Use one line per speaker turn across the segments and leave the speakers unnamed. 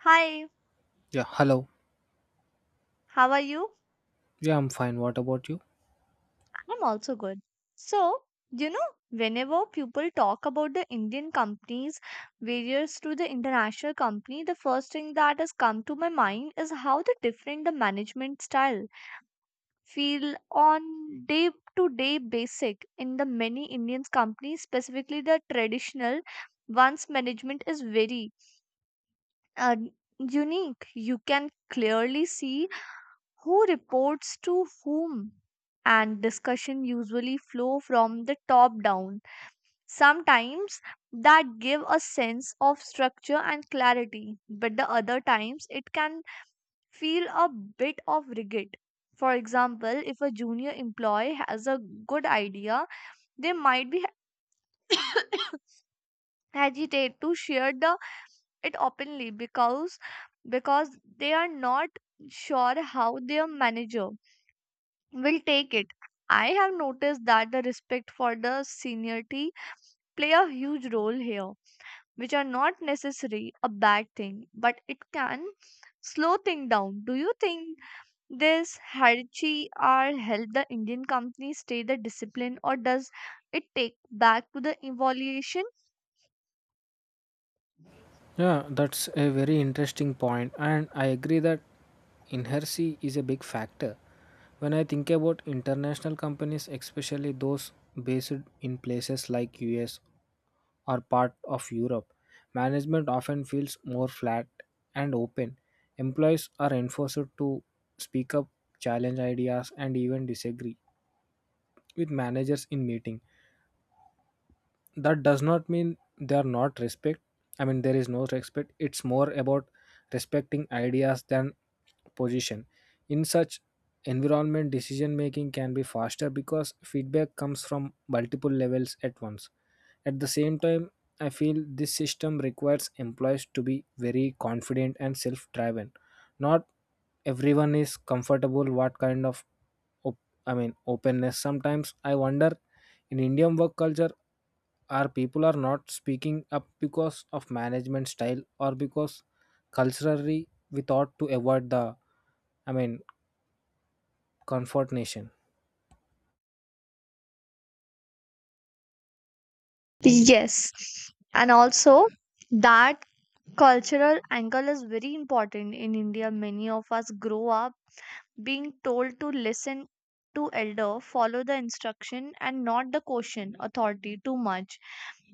Hi,
Yeah, hello.
how are you?
Yeah, I'm fine. What about you?
I'm also good. So, whenever people talk about the Indian companies, various to the international company, the first thing that has come to my mind is how the different the management style feel on day to day basic in the many Indian companies, specifically the traditional ones management is very uh, unique. You can clearly see who reports to whom, and discussion usually flow from the top down sometimes that give a sense of structure and clarity, but the other times it can feel a bit of rigid. For example, if a junior employee has a good idea, they might be agitated to share the it openly because because they are not sure how their manager will take it. I have noticed that the respect for the seniority play a huge role here, which are not necessarily a bad thing, but it can slow things down. Do you think this hierarchy are help the Indian company stay the discipline, or does it take back to the evaluation?
Yeah, that's a very interesting point, and I agree that inertia is a big factor. When I think about international companies, especially those based in places like US or part of Europe, management often feels more flat and open. Employees are enforced to speak up, challenge ideas, and even disagree with managers in meetings that does not mean they are not respect, I mean there is no respect. It's more about respecting ideas than position. In such environment decision making can be faster because feedback comes from multiple levels at once. At the same time I feel this system requires employees to be very confident and self driven. Not everyone is comfortable what kind of op- openness. Sometimes I wonder, in Indian work culture, are people are not speaking up because of management style or because culturally we thought to avoid the i mean confrontation.
Yes. And also that cultural angle is very important in India. Many of us grow up being told to listen to elder, follow the instruction and not the question authority too much,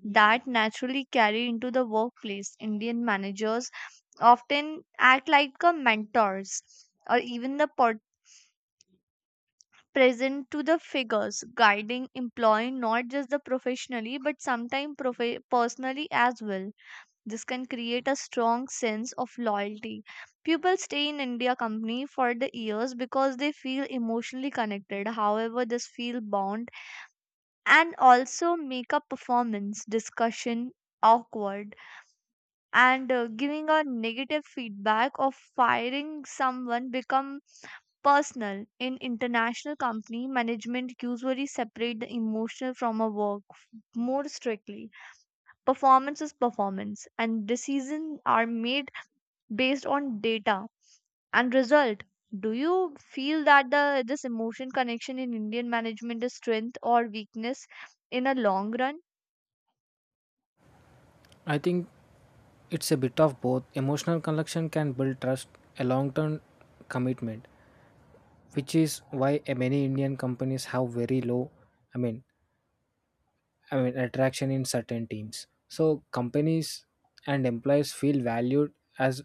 that naturally carry into the workplace. Indian managers often act like a mentors or even the present to the figures, guiding employee not just the professionally but sometimes personally as well. This can create a strong sense of loyalty. People stay in India company for the years because they feel emotionally connected. However, this feel bound and also make a performance discussion awkward, and giving a negative feedback or firing someone become personal. In international company, management usually separate the emotional from a work more strictly. Performance is performance, and decisions are made based on data and result. Do you feel that the this emotion connection in Indian management is strength or weakness in a long run?
I think it's a bit of both. Emotional connection can build trust, a long term commitment, which is why many Indian companies have very low i mean attraction in certain teams. So companies and employees feel valued as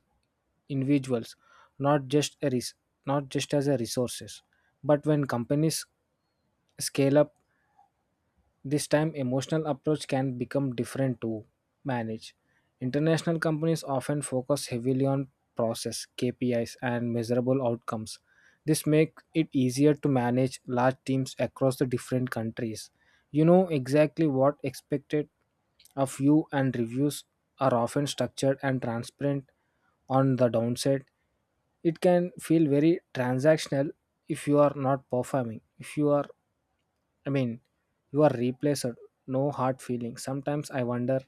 individuals, not just a res- not just as a resources. But when companies scale up this time, emotional approach can become different to manage. International companies often focus heavily on process, KPIs, and measurable outcomes. This makes it easier to manage large teams across the different countries. You know exactly what expected of you, and reviews are often structured and transparent. On the downside it can feel very transactional. If you are not performing, if you are I mean, you are replaced, no hard feelings. Sometimes I wonder,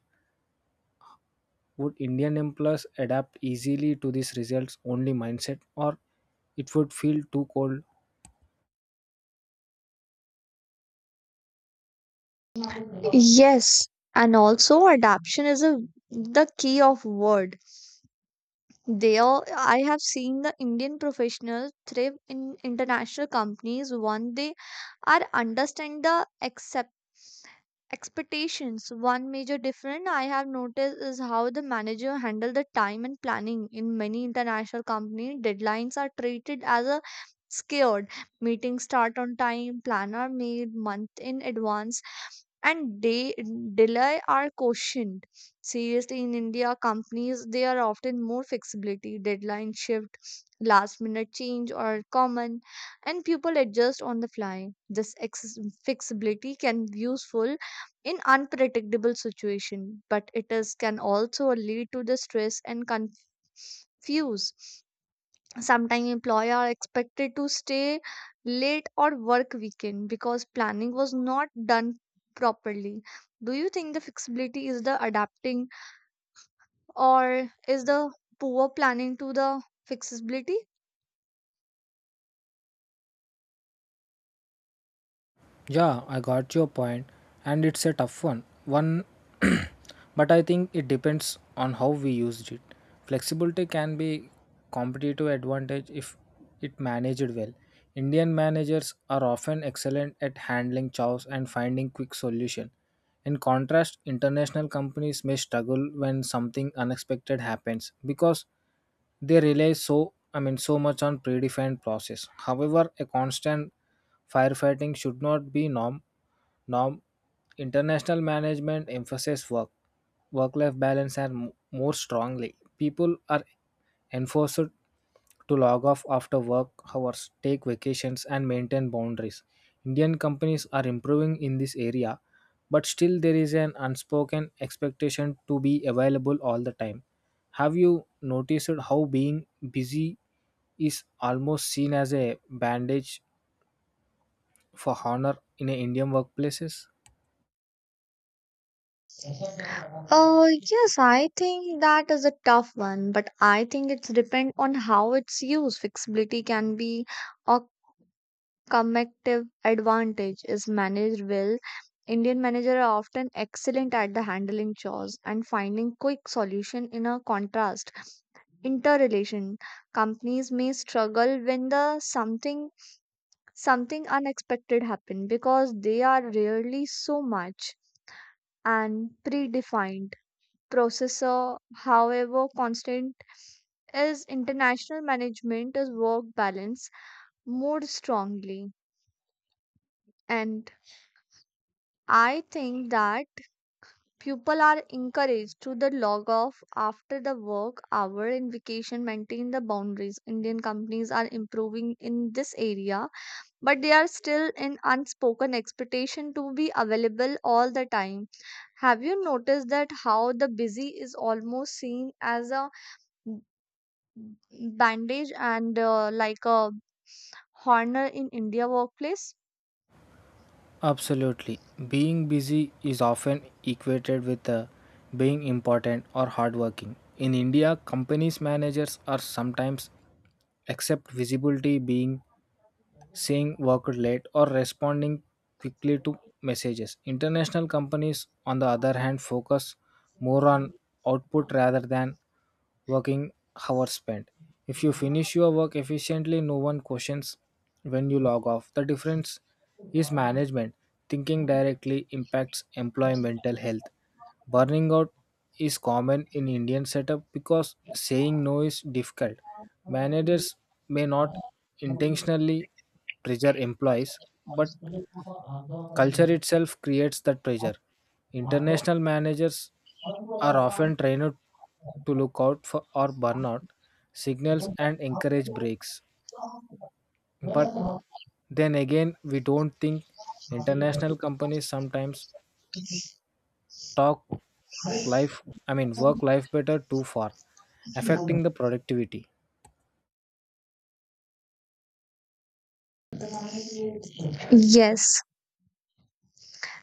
would Indian employers adapt easily to these results only mindset or it would feel too cold.
Yes, and also adaptation is a the key of word. They There, I have seen the Indian professionals thrive in international companies when they are understand the expectations. One major difference I have noticed is how the manager handle the time and planning. In many international companies, deadlines are treated as a scared, meetings start on time, planner made month in advance, and day delay are cautioned seriously. In india companies, they are often more flexibility, deadline shift, last minute change are common, and people adjust on the fly. This flexibility can be useful in unpredictable situation, but it is can also lead to the stress and confuse. Sometimes employer are expected to stay late or work weekend because planning was not done properly. Do you think the flexibility is the adapting, or is the poor planning to the flexibility?
Yeah, I got your point, and it's a tough one. One, but I think it depends on how we used it. Flexibility can be competitive advantage if it managed well. Indian managers are often excellent at handling chaos and finding quick solution. In contrast, international companies may struggle when something unexpected happens because they rely so much on predefined process. However, a constant firefighting should not be norm. International management emphasizes work life balance and more strongly. People are enforced to log off after work hours, take vacations, and maintain boundaries. Indian companies are improving in this area, but still there is an unspoken expectation to be available all the time. Have you noticed how being busy is almost seen as a bandage for honor in Indian workplaces?
Yes, I think that is a tough one, but I think it's depend on how it's used. Flexibility can be a competitive advantage is managed well. Indian managers are often excellent at the handling chores and finding quick solution, in a contrast interrelation. Companies may struggle when the something unexpected happen because they are rarely so much and predefined processor. However, constant is international management is work balance more strongly, and I think that people are encouraged to the log off after the work hour and vacation maintain the boundaries. Indian companies are improving in this area, but they are still in unspoken expectation to be available all the time. Have you noticed that how the busy is almost seen as a bandage and like a honor in India workplace?
Absolutely. Being busy is often equated with being important or hardworking. In India, companies' managers are sometimes accept visibility being saying work late, or responding quickly to messages. International companies, on the other hand, focus more on output rather than working hours spent. If you finish your work efficiently, no one questions when you log off. The difference is management. Thinking directly impacts employee mental health. Burning out is common in Indian setup because saying no is difficult. Managers may not intentionally pressure employees, but culture itself creates that pressure. International managers are often trained to look out for or burnout signals and encourage breaks. But then again, we don't think international companies sometimes talk life, work life better too far, affecting the productivity.
Yes,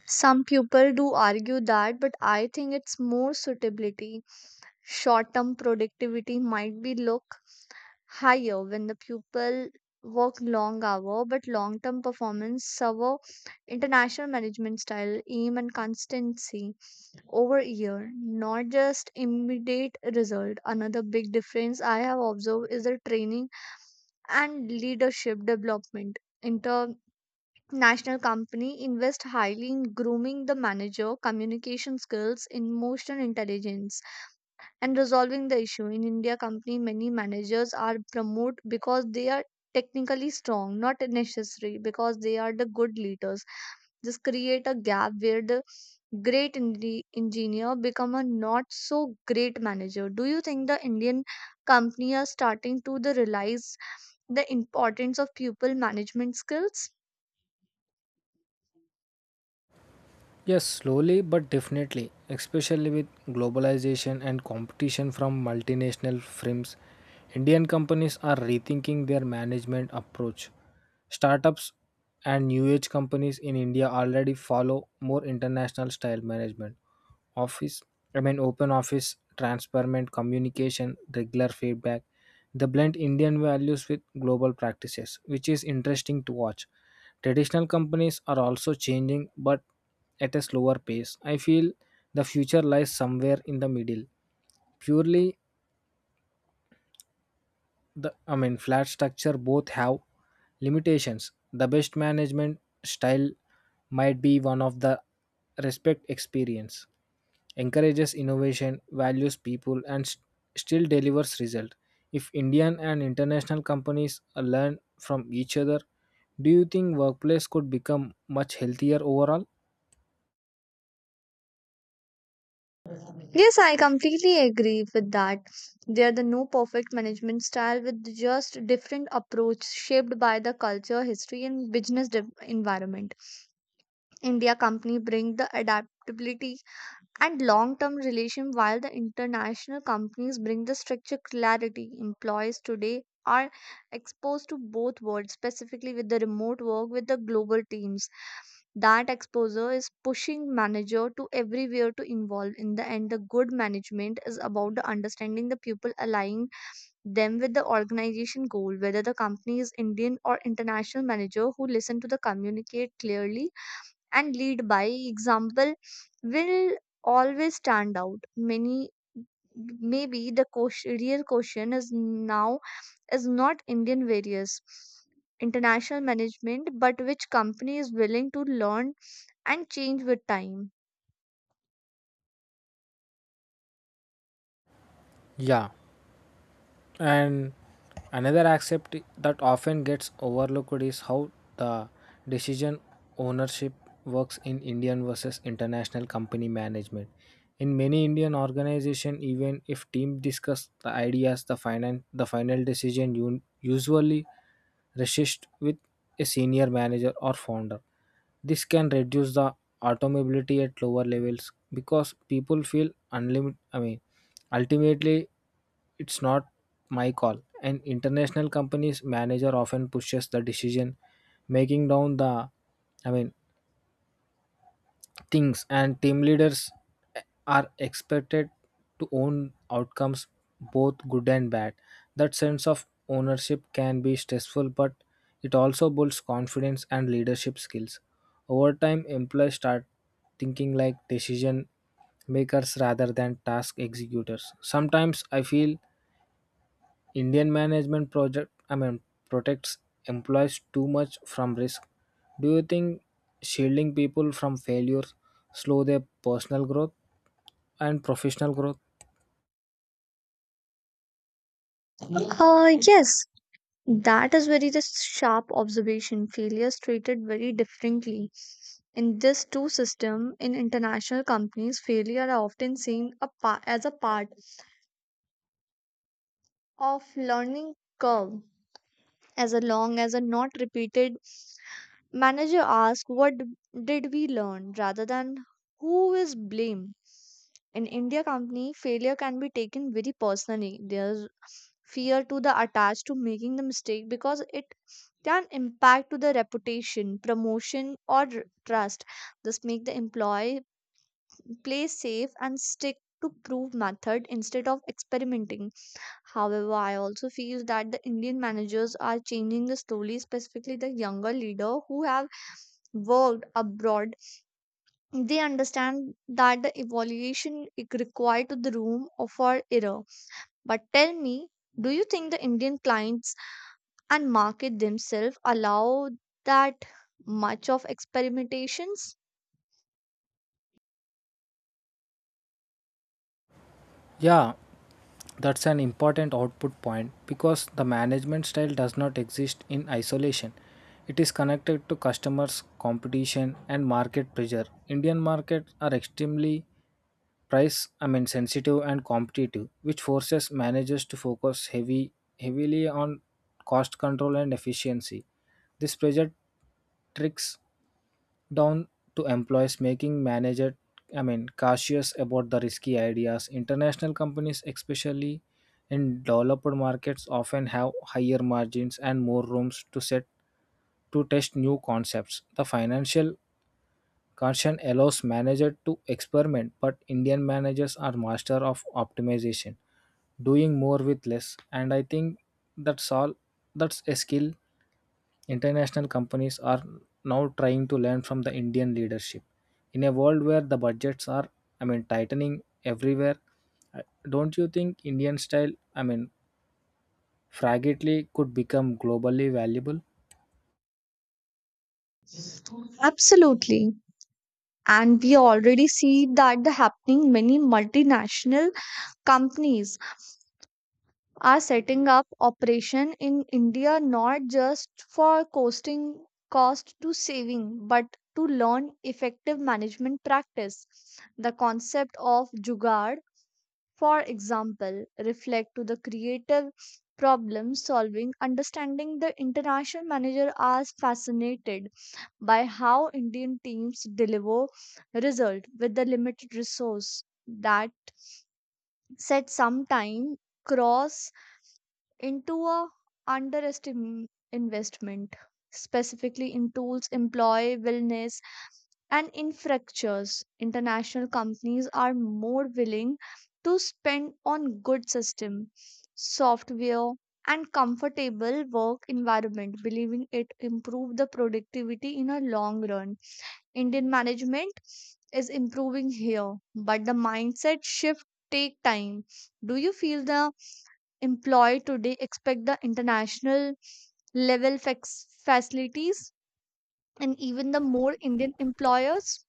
some people do argue that, but I think it's more suitability. Short term productivity might be look higher when the pupil work long hour, but long term performance server international management style, aim and constancy over year, not just immediate result. Another big difference I have observed is the training and leadership development. International company invest highly in grooming the manager, communication skills, emotional intelligence and resolving the issue. In India company, many managers are promoted because they are technically strong, not necessary because they are the good leaders. This create a gap where the great engineer become a not so great manager. Do you think the Indian company are starting to the realize the importance of people management skills?
Yes, slowly but definitely, especially with globalization and competition from multinational firms, Indian companies are rethinking their management approach. Startups and new age companies in India already follow more international style management. Office, Open office, transparent communication, regular feedback. They blend Indian values with global practices, which is interesting to watch. Traditional companies are also changing, but at a slower pace. I feel the future lies somewhere in the middle. Purely the I mean flat structure both have limitations. The best management style might be one of the respect experience, encourages innovation, values people and still delivers result. If Indian and international companies learn from each other, do you think workplace could become much healthier overall?
Yes, I completely agree with that. They are the no perfect management style with just different approach shaped by the culture, history, and business environment. India company bring the adaptability and long term relation, while the international companies bring the structure clarity. Employees today are exposed to both worlds, specifically with the remote work with the global teams. That exposure is pushing manager to everywhere to involve. In the end, the good management is about the understanding the people, aligning them with the organization goal. Whether the company is indian or international, manager who listen to the communicate clearly and lead by example will always stand out. Many maybe the question, real question is now is not indian various international management, but which company is willing to learn and change with time.
Yeah. And another aspect that often gets overlooked is how the decision ownership works in Indian versus international company management. In many Indian organizations, even if teams discuss the ideas, the final decision usually rests with a senior manager or founder. This can reduce the automobility at lower levels because people feel unlimited. Ultimately, it's not my call. An international company's manager often pushes the decision making down the I mean things and team leaders are expected to own outcomes, both good and bad. That sense of ownership can be stressful but it also builds confidence and leadership skills. Over time employees start thinking like decision makers rather than task executors. Sometimes I feel Indian management project I mean protects employees too much from risk. Do you think shielding people from failures slow their personal growth and professional growth?
Yes, that is very the sharp observation. Failures treated very differently in this two system. In international companies, failure are often seen a as a part of learning curve, as long as are not repeated. Manager ask what did we learn rather than who is blamed. In india company, failure can be taken very personally. There's fear to the attached to making the mistake because it can impact to the reputation, promotion or trust. This make the employee play safe and stick to prove method instead of experimenting. However, I also feel that the Indian managers are changing the slowly, specifically the younger leader who have worked abroad. They understand that the evaluation is required to the room for error. But tell me, do you think the Indian clients and market themselves allow that much of experimentations?
Yeah, that's an important output point because the management style does not exist in isolation. It is connected to customers, competition and market pressure. Indian markets are extremely price I mean sensitive and competitive, which forces managers to focus heavy heavily on cost control and efficiency. This pressure tricks down to employees making manager cautious about the risky ideas. International companies, especially in developed markets, often have higher margins and more rooms to test new concepts. The financial caution allows manager to experiment, but Indian managers are master of optimization, doing more with less. And I think that's all. That's a skill international companies are now trying to learn from the Indian leadership. In a world where the budgets are, tightening everywhere, I- don't you think Indian style, fragility could become globally valuable?
Absolutely. And we already see that the happening. Many multinational companies are setting up operation in India not just for costing cost to saving but to learn effective management practice. The concept of jugaad, for example, reflect to the creative problem solving. Understanding the international manager as fascinated by how Indian teams deliver result with the limited resource, that said sometime cross into a underestimate investment, specifically in tools, employee wellness and infrastructures. International companies are more willing to spend on good system, software and comfortable work environment, believing it improve the productivity in a long run. Indian management is improving here, but the mindset shift take time. Do you feel the employed today expect the international level facilities and even the more Indian employers?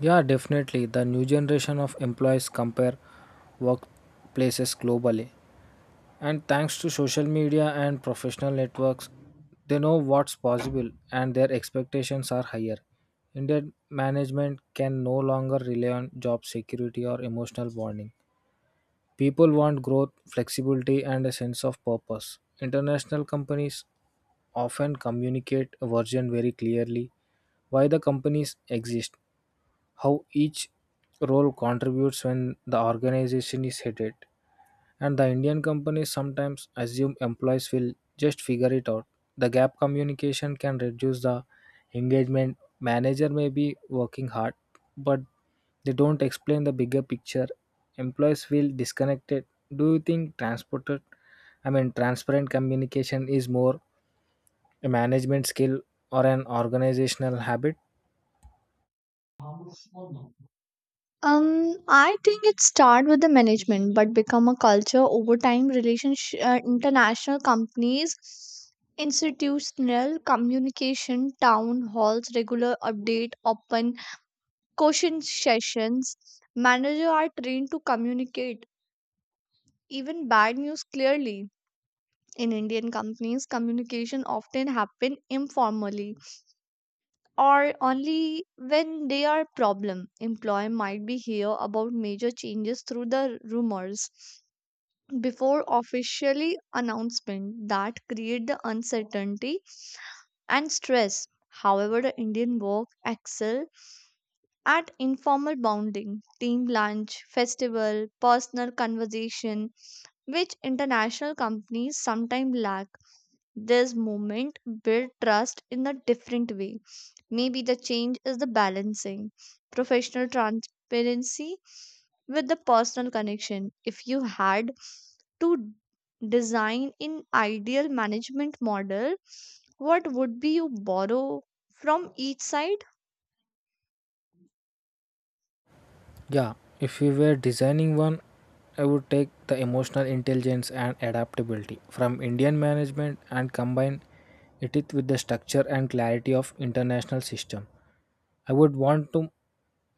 Yeah, definitely. The new generation of employees compare workplaces globally. And thanks to social media and professional networks, they know what's possible and their expectations are higher. Indian management can no longer rely on job security or emotional bonding. People want growth, flexibility, and a sense of purpose. International companies often communicate a version very clearly why the companies exist, how each role contributes when the organization is headed, and the Indian companies sometimes assume employees will just figure it out. The gap communication can reduce the engagement. Manager may be working hard, but they don't explain the bigger picture. Employees feel disconnected. Do you think transported I mean transparent communication is more a management skill or an organizational habit?
I think it start with the management, but become a culture over time. Relationship, international companies, institutional communication, town halls, regular update, open question sessions. Manager are trained to communicate even bad news clearly. In Indian companies, communication often happen informally or only when they are problem. Employee might be hear about major changes through the rumors before officially announcement that create the uncertainty and stress. However, the Indian work excel at informal bonding, team lunch, festival, personal conversation, which international companies sometimes lack. This movement build trust in a different way. Maybe the change is the balancing professional transparency with the personal connection. If you had to design an ideal management model, what would be you borrow from each side?
Yeah, if we were designing one, I would take the emotional intelligence and adaptability from Indian management and combine it with the structure and clarity of international system. I would want to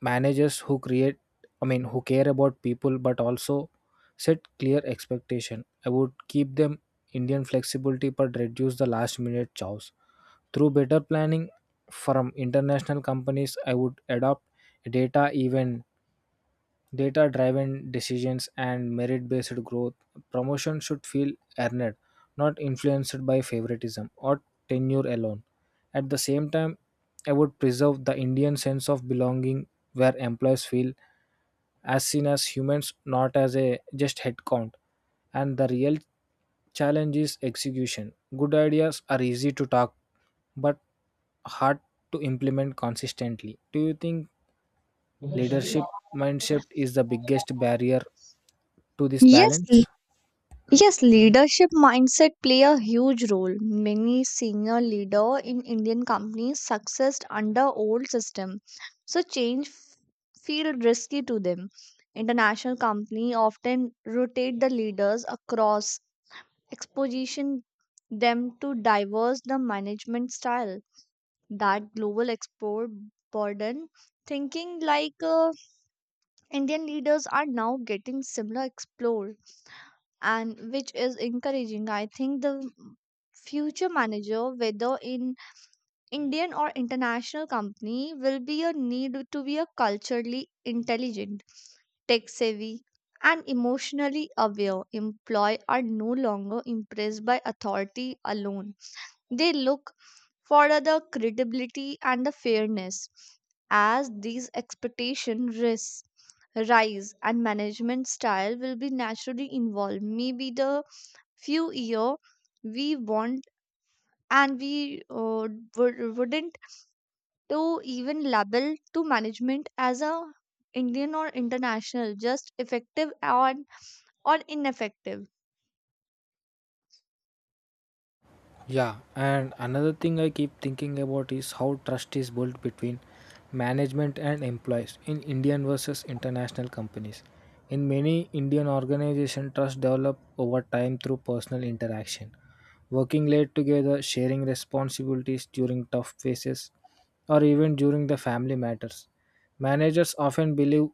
managers who create who care about people but also set clear expectation. I would keep them Indian flexibility but reduce the last minute chows. Through better planning from international companies, I would adopt data even data driven decisions and merit based growth. Promotion should feel earned, not influenced by favoritism or tenure alone. At the same time I would preserve the Indian sense of belonging, where employees feel as seen as humans, not as a just headcount. And the real challenge is execution. Good ideas are easy to talk, but hard to implement consistently. Do you think leadership mindset is the biggest barrier to this
Yes,
balance?
yes, leadership mindset play a huge role. Many senior leader in Indian companies successed under old system, so change feel risky to them. International company often rotate the leaders across exposition them to diverse the management style. That global export burden thinking like Indian leaders are now getting similar explore, and which is encouraging. I think the future manager, whether in Indian or international company, will be a need to be a culturally intelligent, tech savvy, and emotionally aware. Employees are no longer impressed by authority alone, they look for the credibility and the fairness. As these expectation risks rise, and management style will be naturally involved. Maybe the few year we want, and we wouldn't to even label to management as a Indian or international, just effective or ineffective.
Yeah, and another thing I keep thinking about is how trust is built between management and employees in Indian versus international companies. In many Indian organizations, trust develop over time through personal interaction, working late together, sharing responsibilities during tough phases, or even during the family matters. Managers often believe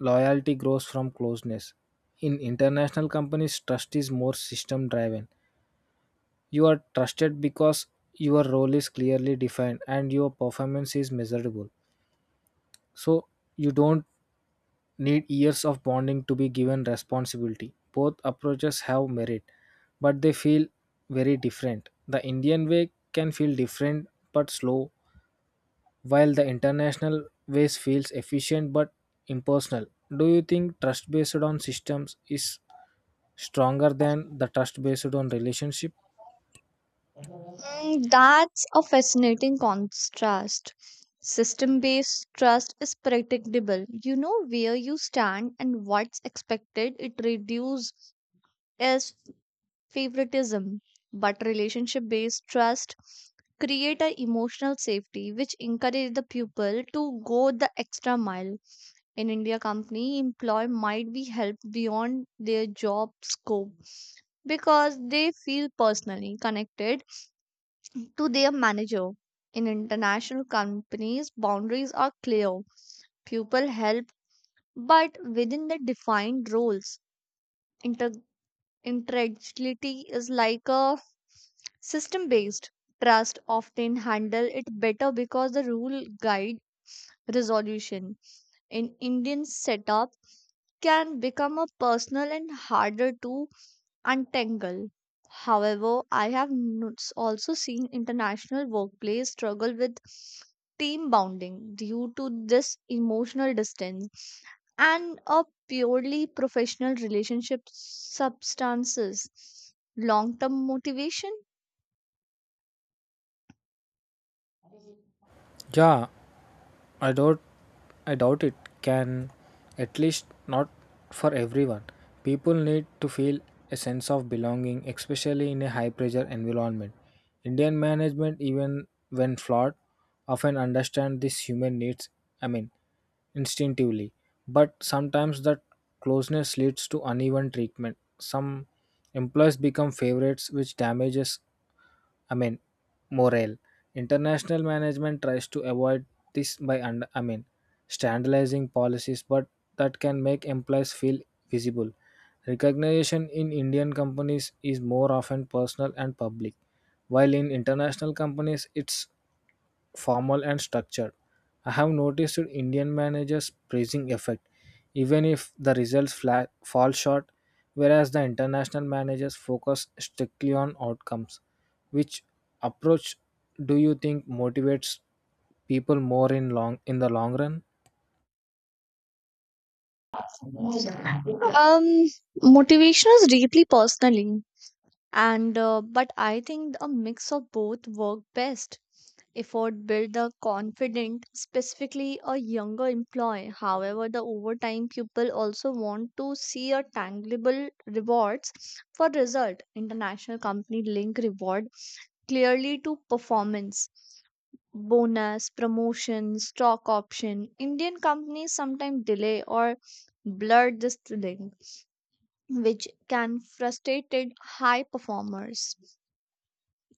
loyalty grows from closeness. In international companies, trust is more system driven. You are trusted because your role is clearly defined and your performance is measurable. So you don't need years of bonding to be given responsibility. Both approaches have merit, but they feel very different. The Indian way can feel different but slow, while the international ways feels efficient but impersonal. Do you think trust based on systems is stronger than the trust based on relationship?
Mm, that's a fascinating contrast. System based trust is predictable. You know where you stand and what's expected. It reduces as favoritism. But relationship based trust create a emotional safety, which encourage the pupil to go the extra mile. In India company, employee might be helped beyond their job scope because they feel personally connected to their manager. In international companies, boundaries are clear. People help, but within the defined roles. Inter- Integrity is like a system based trust, often handle it better because the rule guide resolution in Indian setup can become a personal and harder to untangle. However, I have also seen international workplace struggle with team bonding due to this emotional distance, and a purely professional relationship substances long term motivation.
Yeah, I doubt I doubt it can, at least not for everyone. People need to feel a sense of belonging, especially in a high pressure environment. Indian management, even when flawed, often understand these human needs, I mean, instinctively. But sometimes that closeness leads to uneven treatment. Some employees become favorites, which damages, I mean, morale. International management tries to avoid this by, standardizing policies, but that can make employees feel visible. Recognition in Indian companies is more often personal and public, while in international companies it's formal and structured. I have noticed Indian managers praising effort, even if the results fall short, whereas the international managers focus strictly on outcomes. Which approach do you think motivates people more in the long run?
um Motivation is deeply personal, and but I think a mix of both work best. Effort build the confident, specifically a younger employee. However, the overtime pupil also want to see a tangible rewards for result. International company link reward clearly to performance, bonus, promotion, stock option. Indian companies sometimes delay or blur this link, which can frustrate high performers.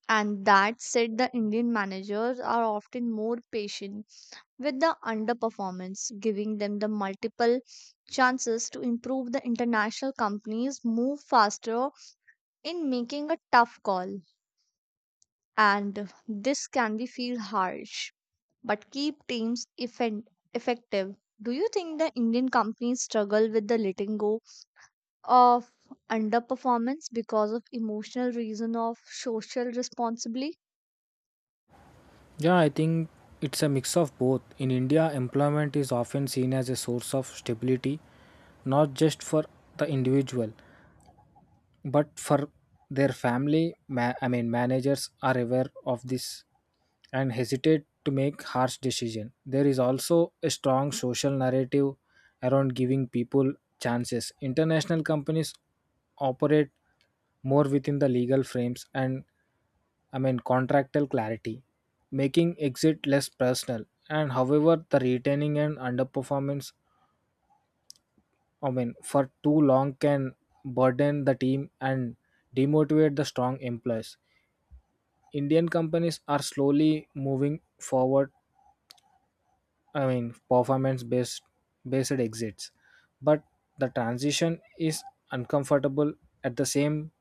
And that said, the Indian managers are often more patient with the underperformance, giving them the multiple chances to improve. The international companies move faster in making a tough call, and this can be feel harsh, but keep teams effective. Do you think the Indian companies struggle with the letting go of underperformance because of emotional reason of social responsibility?
Yeah, I think it's a mix of both. In India, employment is often seen as a source of stability, not just for the individual, but for their family managers are aware of this and hesitate to make harsh decision. There is also a strong social narrative around giving people chances. International companies operate more within the legal frames and contractual clarity, making exit less personal. And however the retaining and underperformance, for too long can burden the team and demotivate the strong employees. Indian companies are slowly moving forward. Performance based exits, but the transition is uncomfortable. At the same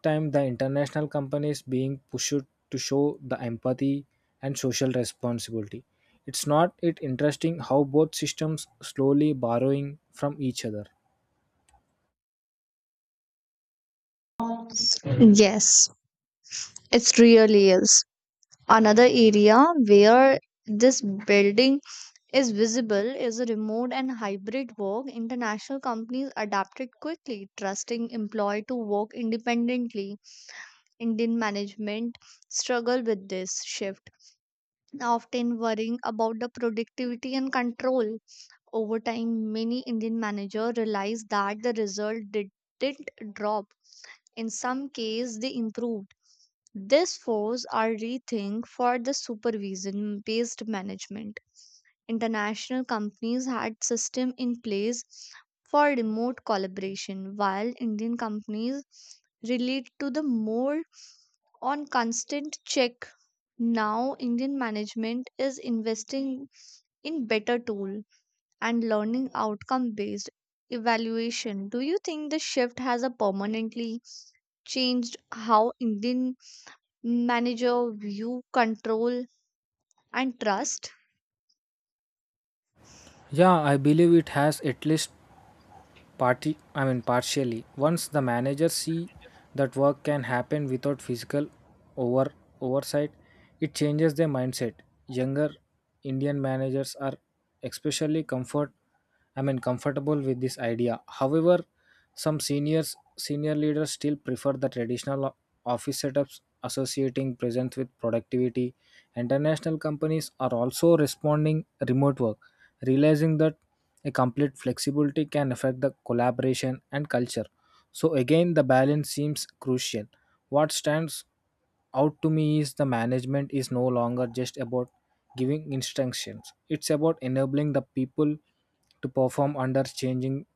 time, the international companies being pushed to show the empathy and social responsibility. It's not it interesting how both systems slowly borrowing from each other.
Yes, it really is. Another area where this building is visible is remote and hybrid work. International companies adapted quickly, trusting employee to work independently. Indian management struggle with this shift, often worrying about the productivity and control. Over time, many Indian managers realized that the result didn't drop. In some cases, they improved. This forced our rethink for the supervision based management. International companies had system in place for remote collaboration, while Indian companies relate to the more on constant check. Now indian management is investing in better tool and learning outcome based evaluation. Do you think the shift has a permanently changed how Indian manager view control and trust?
Yeah, I believe it has, at least party I mean partially. Once the managers see that work can happen without physical over oversight, it changes their mindset. Younger Indian managers are especially comfortable with this idea. However, some senior leaders still prefer the traditional office setups associating presence with productivity. International companies are also responding remote work, realizing that a complete flexibility can affect the collaboration and culture. So, again, the balance seems crucial. What stands out to me is the management is no longer just about giving instructions, it's about enabling the people to perform under changing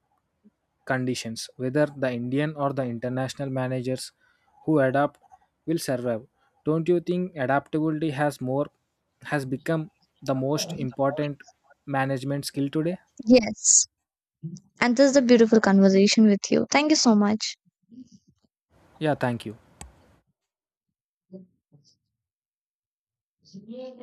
conditions. Whether the Indian or the international managers who adapt will survive. Don't you think adaptability has become the most important management skill today?
Yes. And this is a beautiful conversation with you. Thank you so much.
Yeah, thank you.